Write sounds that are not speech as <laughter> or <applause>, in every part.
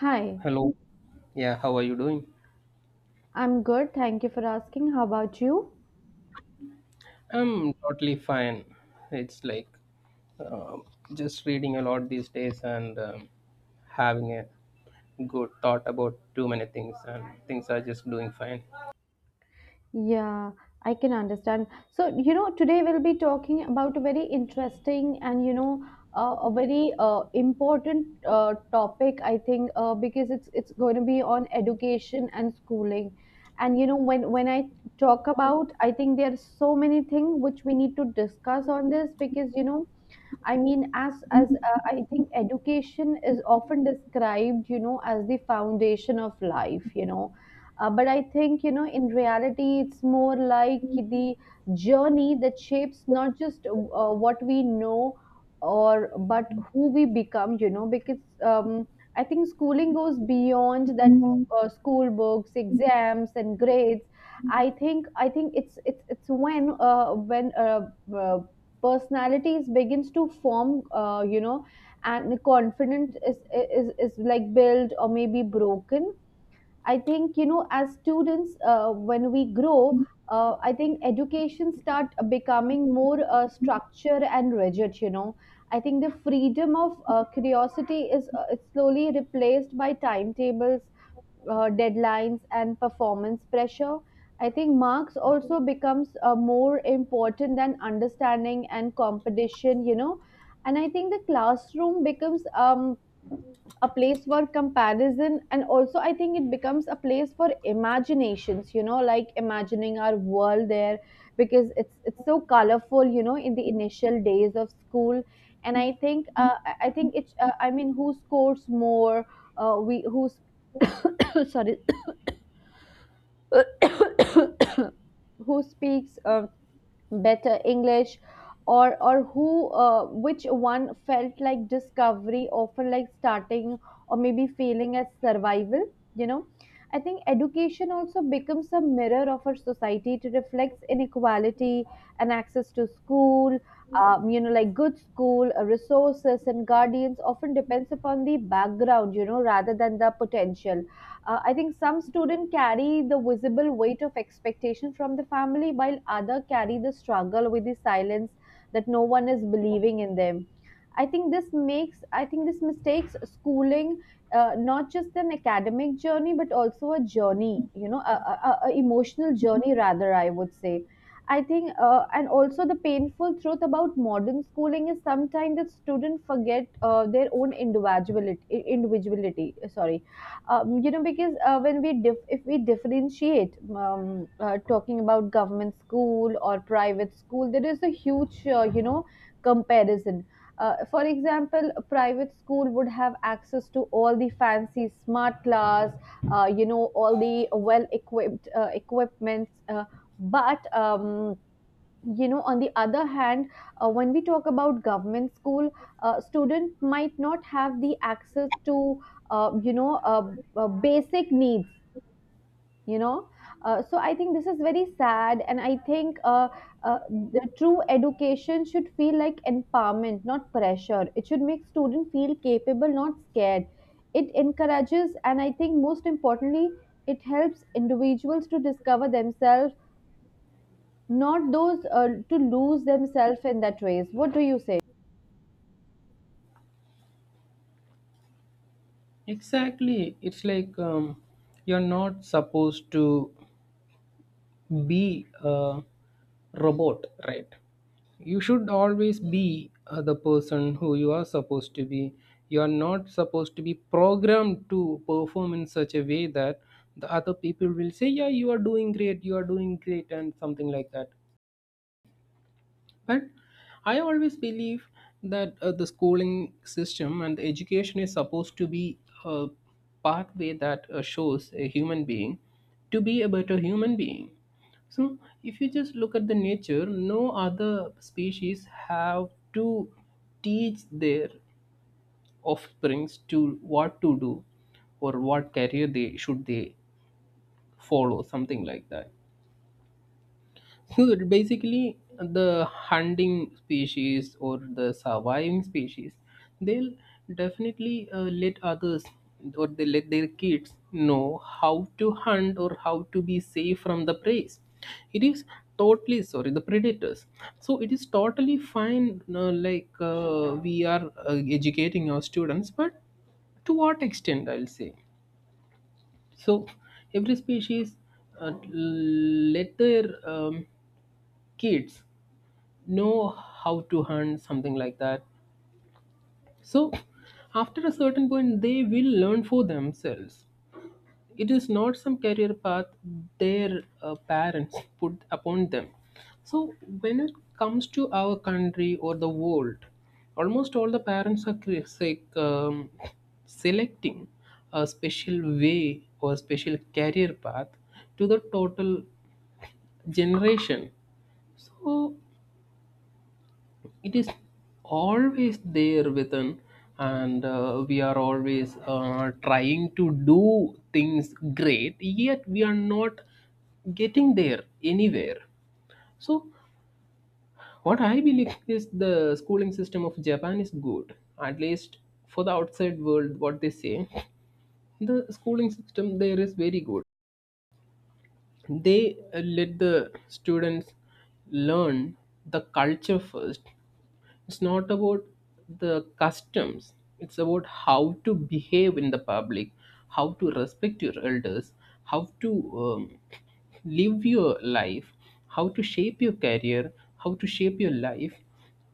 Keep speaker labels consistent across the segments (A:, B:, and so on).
A: Hi,
B: Hello. Yeah, how are you doing?
A: I'm good. Thank you for asking. How about you?
B: I'm totally fine. It's like um just reading a lot these days and having a good thought about too many things, and things are just doing fine.
A: Yeah, I can understand. So, you know, today we'll be talking about a very interesting and, a very important topic, I think, because it's going to be on education and schooling. And you know, when I talk about, I think there are so many things which we need to discuss on this because you know, I mean, as I think education is often described, you know, as the foundation of life, you know. But I think, you know, in reality, it's more like the journey that shapes not just what we know or but who we become, you know, because I think schooling goes beyond that school books, exams, and grades. I think it's when uh, personalities begins to form you know and the confidence is like built or maybe broken. I think you know, as students, when we grow, I think education start becoming more structure and rigid. You know, I think the freedom of curiosity is slowly replaced by timetables, deadlines, and performance pressure. I think marks also becomes more important than understanding and competition. You know, and I think the classroom becomes a place for comparison, and also I think it becomes a place for imaginations, you know, like imagining our world there because it's so colorful, you know, in the initial days of school. And I think I think it's I mean, who scores more, we who's <coughs> sorry <coughs> who speaks better English, or who which one felt like discovery, often like starting, or maybe feeling as survival. You know, I think education also becomes a mirror of our society to reflects inequality and access to school. You know, like good school resources and guardians often depends upon the background. You know, rather than the potential. I think some students carry the visible weight of expectation from the family, while others carry the struggle with the silence that no one is believing in them. I think this mistakes schooling, not just an academic journey but also a journey, you know, a emotional journey rather, I would say. I think, and also the painful truth about modern schooling is sometimes that students forget their own individuality. Individuality, sorry, you know, because when we if we differentiate, talking about government school or private school, there is a huge you know comparison. For example, a private school would have access to all the fancy smart class, you know, all the well equipped equipments, but you know, on the other hand, when we talk about government school, student might not have the access to uh, you know uh, basic needs, you know. So I think this is very sad, and I think uh, the true education should feel like empowerment, not pressure. It should make student feel capable, not scared. It encourages, and I think most importantly, it helps individuals to discover themselves, not those to lose themselves in that race. What do you say?
B: Exactly. It's like you're not supposed to be a robot, right? You should always be the person who you are supposed to be. You are not supposed to be programmed to perform in such a way that the other people will say, yeah, you are doing great, you are doing great, and something like that. But I always believe that the schooling system and the education is supposed to be a pathway that shows a human being to be a better human being. So if you just look at the nature, no other species have to teach their offsprings to what to do or what career they should they follow, something like that. So basically, the hunting species or the surviving species, they'll definitely let others, or they let their kids know how to hunt or how to be safe from the prey. It is totally, sorry, the predators. So it is totally fine. Like we are educating our students, but to what extent, I'll say. So every species uh, let their kids know how to hunt, something like that. So after a certain point they will learn for themselves. It is not some career path their parents <laughs> put upon them. So when it comes to our country or the world, almost all the parents are say, selecting a special way or special career path to the total generation. So it is always there within, and we are always trying to do things great, yet we are not getting there anywhere. So what I believe is the schooling system of Japan is good, at least for the outside world. What they say, the schooling system there is very good. They let the students learn the culture first. It's not about the customs, it's about how to behave in the public, how to respect your elders, how to um, live your life, how to shape your career, how to shape your life.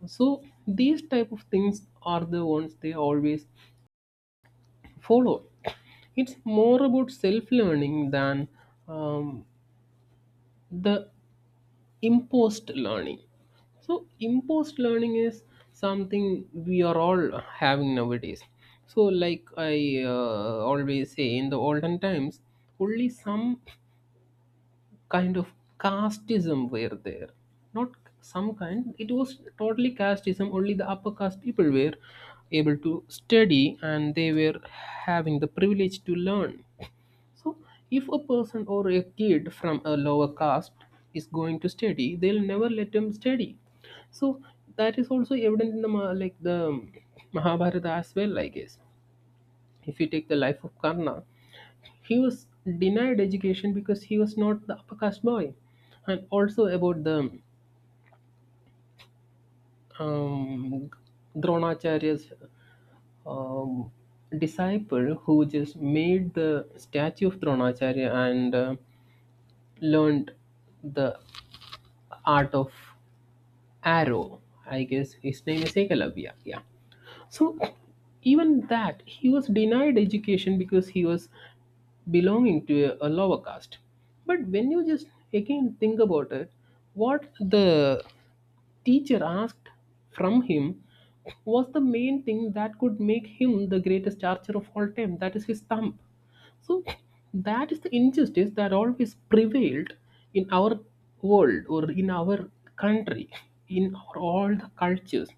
B: So these type of things are the ones they always follow. It's more about self-learning than um, the imposed learning. So imposed learning is something we are all having nowadays. So like I always say, in the olden times only some kind of casteism were there, not some kind, it was totally casteism. Only the upper caste people were able to study and they were having the privilege to learn. So, if a person or a kid from a lower caste is going to study, they'll never let him study. So that is also evident in the like the Mahabharata as well, I guess. If you take the life of Karna, he was denied education because he was not the upper caste boy, and also about the um, Dronacharya's um, disciple who just made the statue of Dronacharya and learned the art of arrow. I guess his name is Ekalabya, yeah. So even that, he was denied education because he was belonging to a lower caste. But when you just again think about it, what the teacher asked from him was the main thing that could make him the greatest archer of all time, that is his thumb. So that is the injustice that always prevailed in our world or in our country, in our, all the cultures.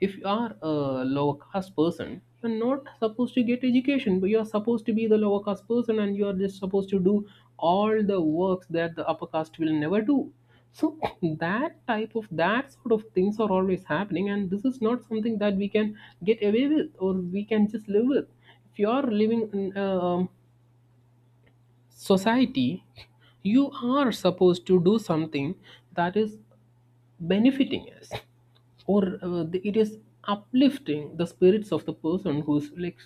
B: If you are a lower caste person, you're not supposed to get education, but you're supposed to be the lower caste person and you're just supposed to do all the works that the upper caste will never do. So <coughs> <laughs> that type of, that sort of things are always happening, and this is not something that we can get away with or we can just live with. If you are living in a society, you are supposed to do something that is benefiting us, or it is uplifting the spirits of the person who's like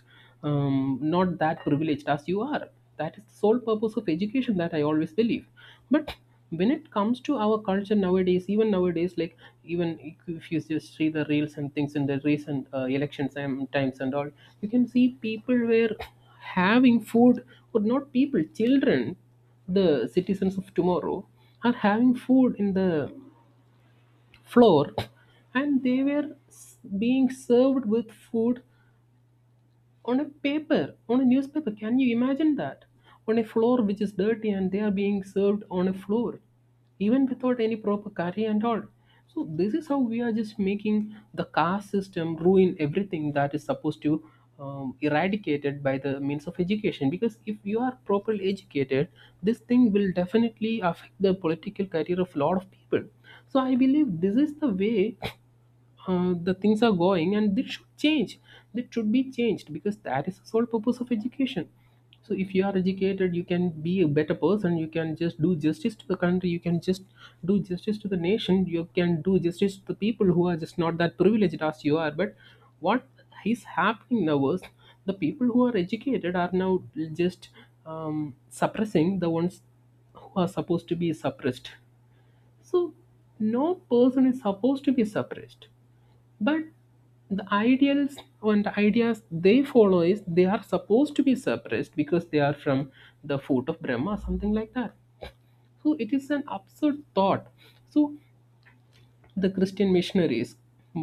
B: not that privileged as you are. That is the sole purpose of education that I always believe. But when it comes to our culture nowadays, even nowadays, like even if you just see the reels and things in the recent elections and times and all, you can see people were having food, or not people, children, the citizens of tomorrow, are having food in the floor. And they were being served with food on a paper, on a newspaper. Can you imagine that? On a floor which is dirty, and they are being served on a floor, even without any proper curry and all. So this is how we are just making the caste system ruin everything that is supposed to eradicated by the means of education. Because if you are properly educated, this thing will definitely affect the political career of a lot of people. So I believe this is the way the things are going, and they should change. They should be changed, because that is the sole purpose of education. So if you are educated, you can be a better person, you can just do justice to the country, you can just do justice to the nation, you can do justice to the people who are just not that privileged as you are. But what is happening now is the people who are educated are now just um, suppressing the ones who are supposed to be suppressed. So no person is supposed to be suppressed, but the ideals and ideas they follow is they are supposed to be suppressed because they are from the foot of Brahma, something like that. So it is an absurd thought. So the Christian missionaries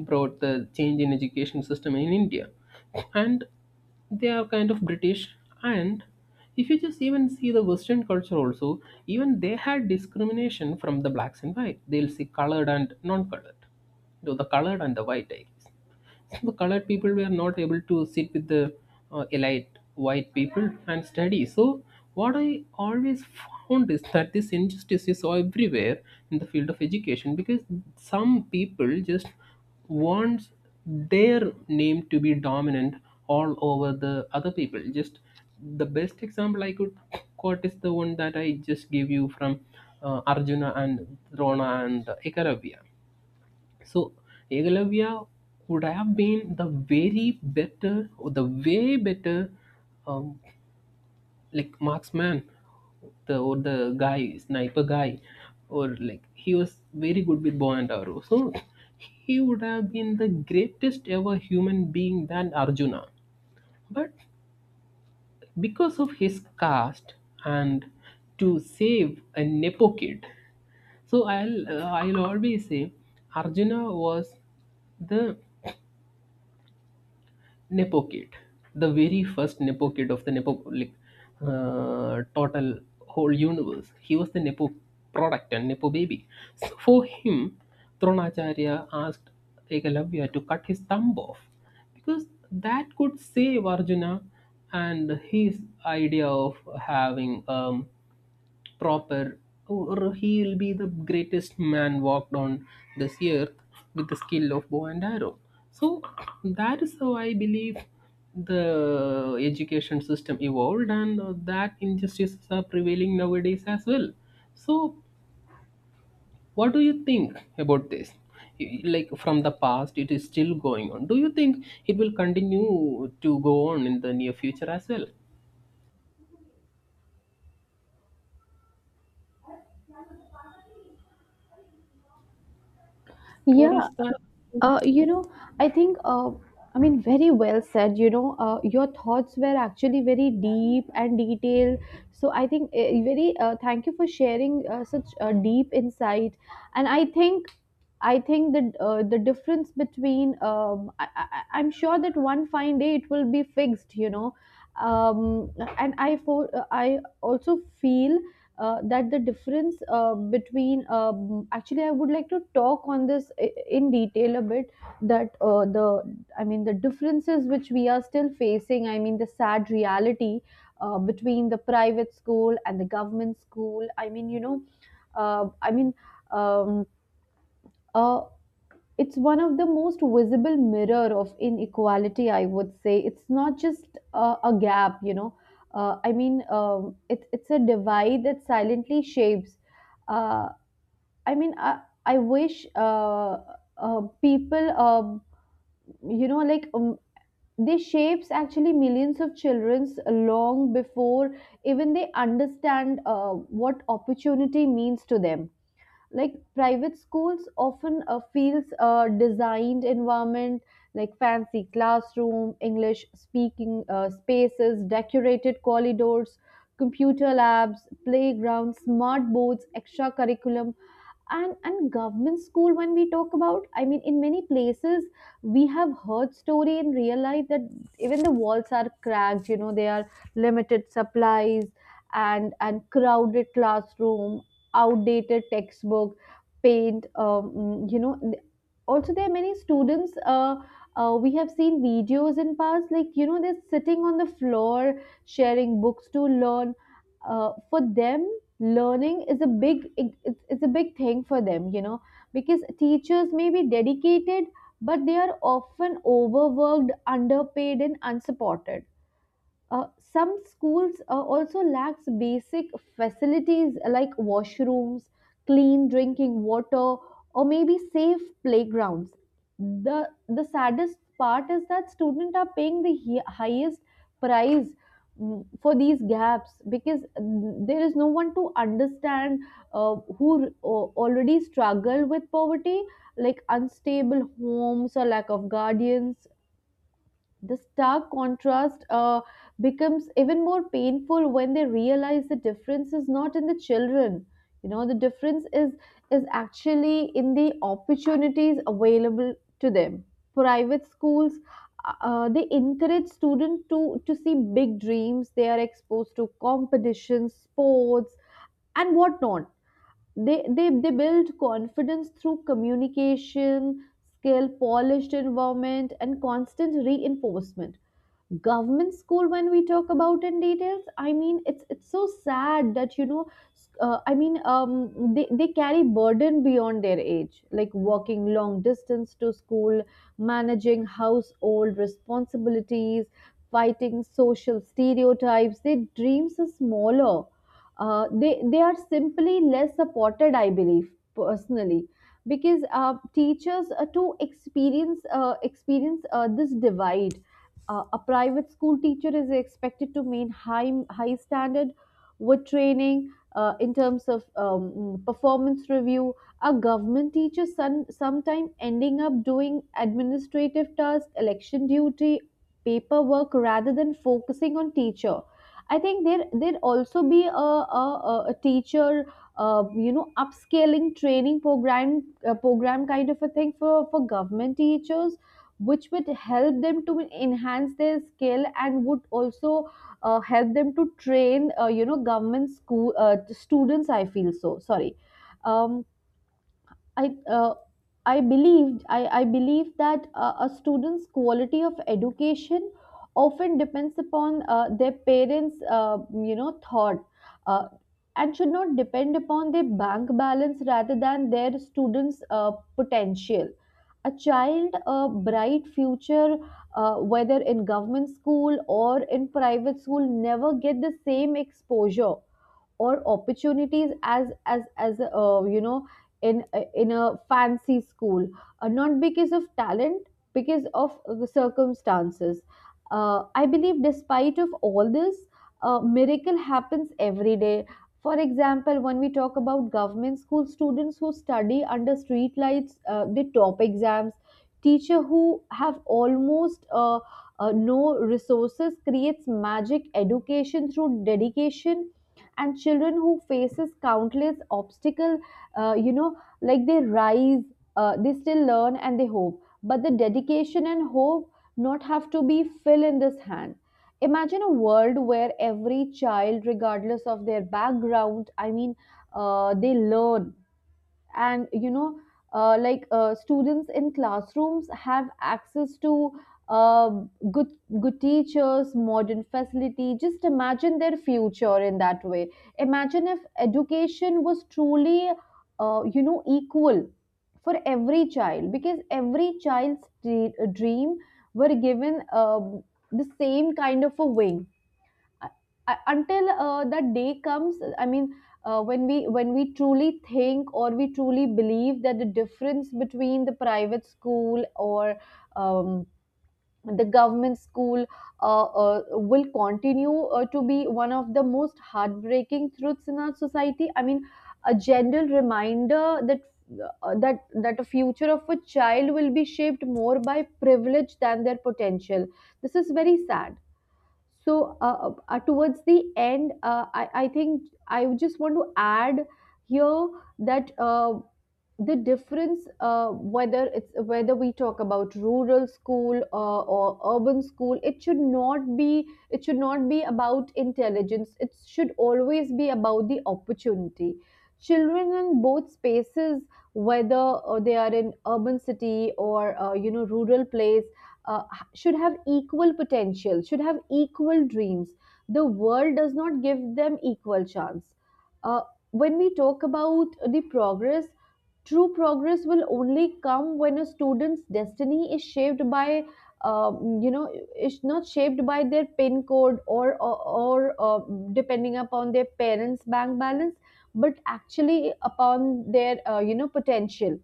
B: brought the change in education system in India, and they are kind of British. And if you just even see the Western culture also, even they had discrimination from the blacks and white, they'll see colored and non-colored. Though the colored and the white, I guess the colored people were not able to sit with the elite white people and study. So what I always found is that this injustice is everywhere in the field of education, because some people just want their name to be dominant all over the other people. Just the best example I could quote is the one that I just gave you from Arjuna and Drona and Ekaravya. So Yugoslavia would have been the very better, or the way better um, like marksman, the, or the guy sniper guy, or like he was very good with bow and arrow. So he would have been the greatest ever human being than Arjuna. But because of his caste, and to save a nepo kid, so I'll, I'll always say Arjuna was the nepo kid, the very first nepo kid of the nepo, like total whole universe. He was the nepo product and nepo baby. So for him, Dronacharya asked Ekalavya to cut his thumb off, because that could save Arjuna and his idea of having proper, oh, or he will be the greatest man walked on this earth with the skill of bow and arrow. So that is how I believe the education system evolved, and that injustices are prevailing nowadays as well. So, what do you think about this? Like from the past, it is still going on. Do you think it will continue to go on in the near future as well, or
A: Yeah,
B: is that?
A: you know, I think, I mean, very well said. You know, your thoughts were actually very deep and detailed. So I think very thank you for sharing such a deep insight. And I think that the difference between, I'm sure that one fine day it will be fixed. You know, um, and I also feel that the difference between actually I would like to talk on this in detail a bit. That the, I mean the differences which we are still facing, I mean the sad reality between the private school and the government school. I mean, you know, uh, i mean um, a, it's one of the most visible mirror of inequality, I would say. It's not just a gap, you know, it, it's a divide that silently shapes. uh, I wish uh, people you know, they shapes actually millions of children's long before even they understand what opportunity means to them. Like private schools often feels a designed environment, like fancy classroom, english speaking spaces, decorated corridors, computer labs, playgrounds, smart boards, extra curriculum. And government school, when we talk about, I mean in many places we have heard story in real life that even the walls are cracked, you know, they are limited supplies, and crowded classroom, outdated textbook, paint, you know, also there are many students, we have seen videos in past, like, you know, they're sitting on the floor sharing books to learn. For them, learning is a big, it's a big thing for them, you know, because teachers may be dedicated, but they are often overworked, underpaid, and unsupported. Some schools also lacks basic facilities like washrooms, clean drinking water, or maybe safe playgrounds. The saddest part is that students are paying the highest price, for these gaps, because there is no one to understand who already struggle with poverty, like unstable homes or lack of guardians. The stark contrast becomes even more painful when they realize the difference is not in the children. You know, the difference is actually in the opportunities available to them. Private schools, they encourage students to see big dreams. They are exposed to competitions, sports, and whatnot. They build confidence through communication, skill, polished environment, and constant reinforcement. Government school, when we talk about in details, I mean it's so sad that, you know, they carry burden beyond their age, like walking long distance to school, managing household responsibilities, fighting social stereotypes. Their dreams are smaller, they are simply less supported, I believe personally, because teachers to experience this divide. A private school teacher is expected to maintain high standard with training in terms of performance review. A government teacher sometimes ending up doing administrative tasks, election duty, paperwork rather than focusing on teacher. I think there there also be a, a teacher you know upscaling training program, program kind of a thing for government teachers, which would help them to enhance their skill and would also help them to train, you know, government school students. I feel so sorry. um, I uh, I believe that a student's quality of education often depends upon their parents you know thought, uh, and should not depend upon their bank balance rather than their students potential. A child a bright future, whether in government school or in private school, never get the same exposure or opportunities as you know, in a fancy school, not because of talent, because of circumstances. I believe, despite of all this, miracle happens every day. For example, when we talk about government school students who study under street lights, they top exams. Teacher who have almost no resources creates magic education through dedication, and children who faces countless obstacle, you know, like they rise, they still learn and they hope, but the dedication and hope not have to be fill in this hand. Imagine a world where every child regardless of their background, I mean, they learn, and you know, students in classrooms have access to uh, good good teachers, modern facility. Just imagine their future in that way. Imagine if education was truly, you know, equal for every child, because every child's dream were given the same kind of a wing. I, until that day comes, I mean, when we truly think or we truly believe that the difference between the private school or um, the government school will continue to be one of the most heartbreaking truths in our society, I mean a general reminder that that the future of a child will be shaped more by privilege than their potential. This is very sad. So, towards the end, I think I just want to add here that the difference, whether it's whether we talk about rural school or urban school, it should not be it should not be about intelligence. It should always be about the opportunity. Children in both spaces, whether they are in urban city or, you know, rural place, uh, should have equal potential, should have equal dreams. The world does not give them equal chance. Uh, when we talk about the progress, true progress will only come when a student's destiny is shaped by, you know, is not shaped by their PIN code or depending upon their parents' bank balance, but actually upon their you know potential.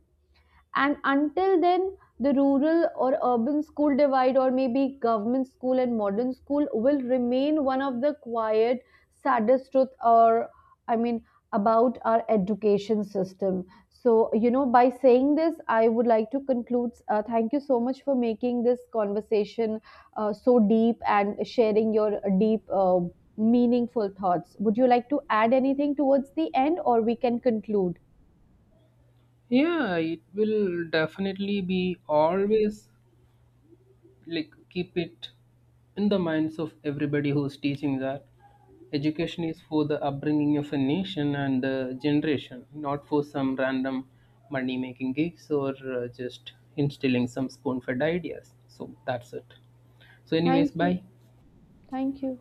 A: And until then, the rural or urban school divide, or maybe government school and modern school, will remain one of the quiet saddest truth, or I mean, about our education system. So, you know, by saying this, I would like to conclude. Thank you so much for making this conversation so deep and sharing your deep meaningful thoughts. Would you like to add anything towards the end, or we can conclude?
B: Yeah, it will definitely be always, like keep it in the minds of everybody who's teaching that education is for the upbringing of a nation and the generation, not for some random money making gigs, or just instilling some spoon fed ideas. So that's it. So, anyways,
A: Thank you.
B: bye.
A: Thank you.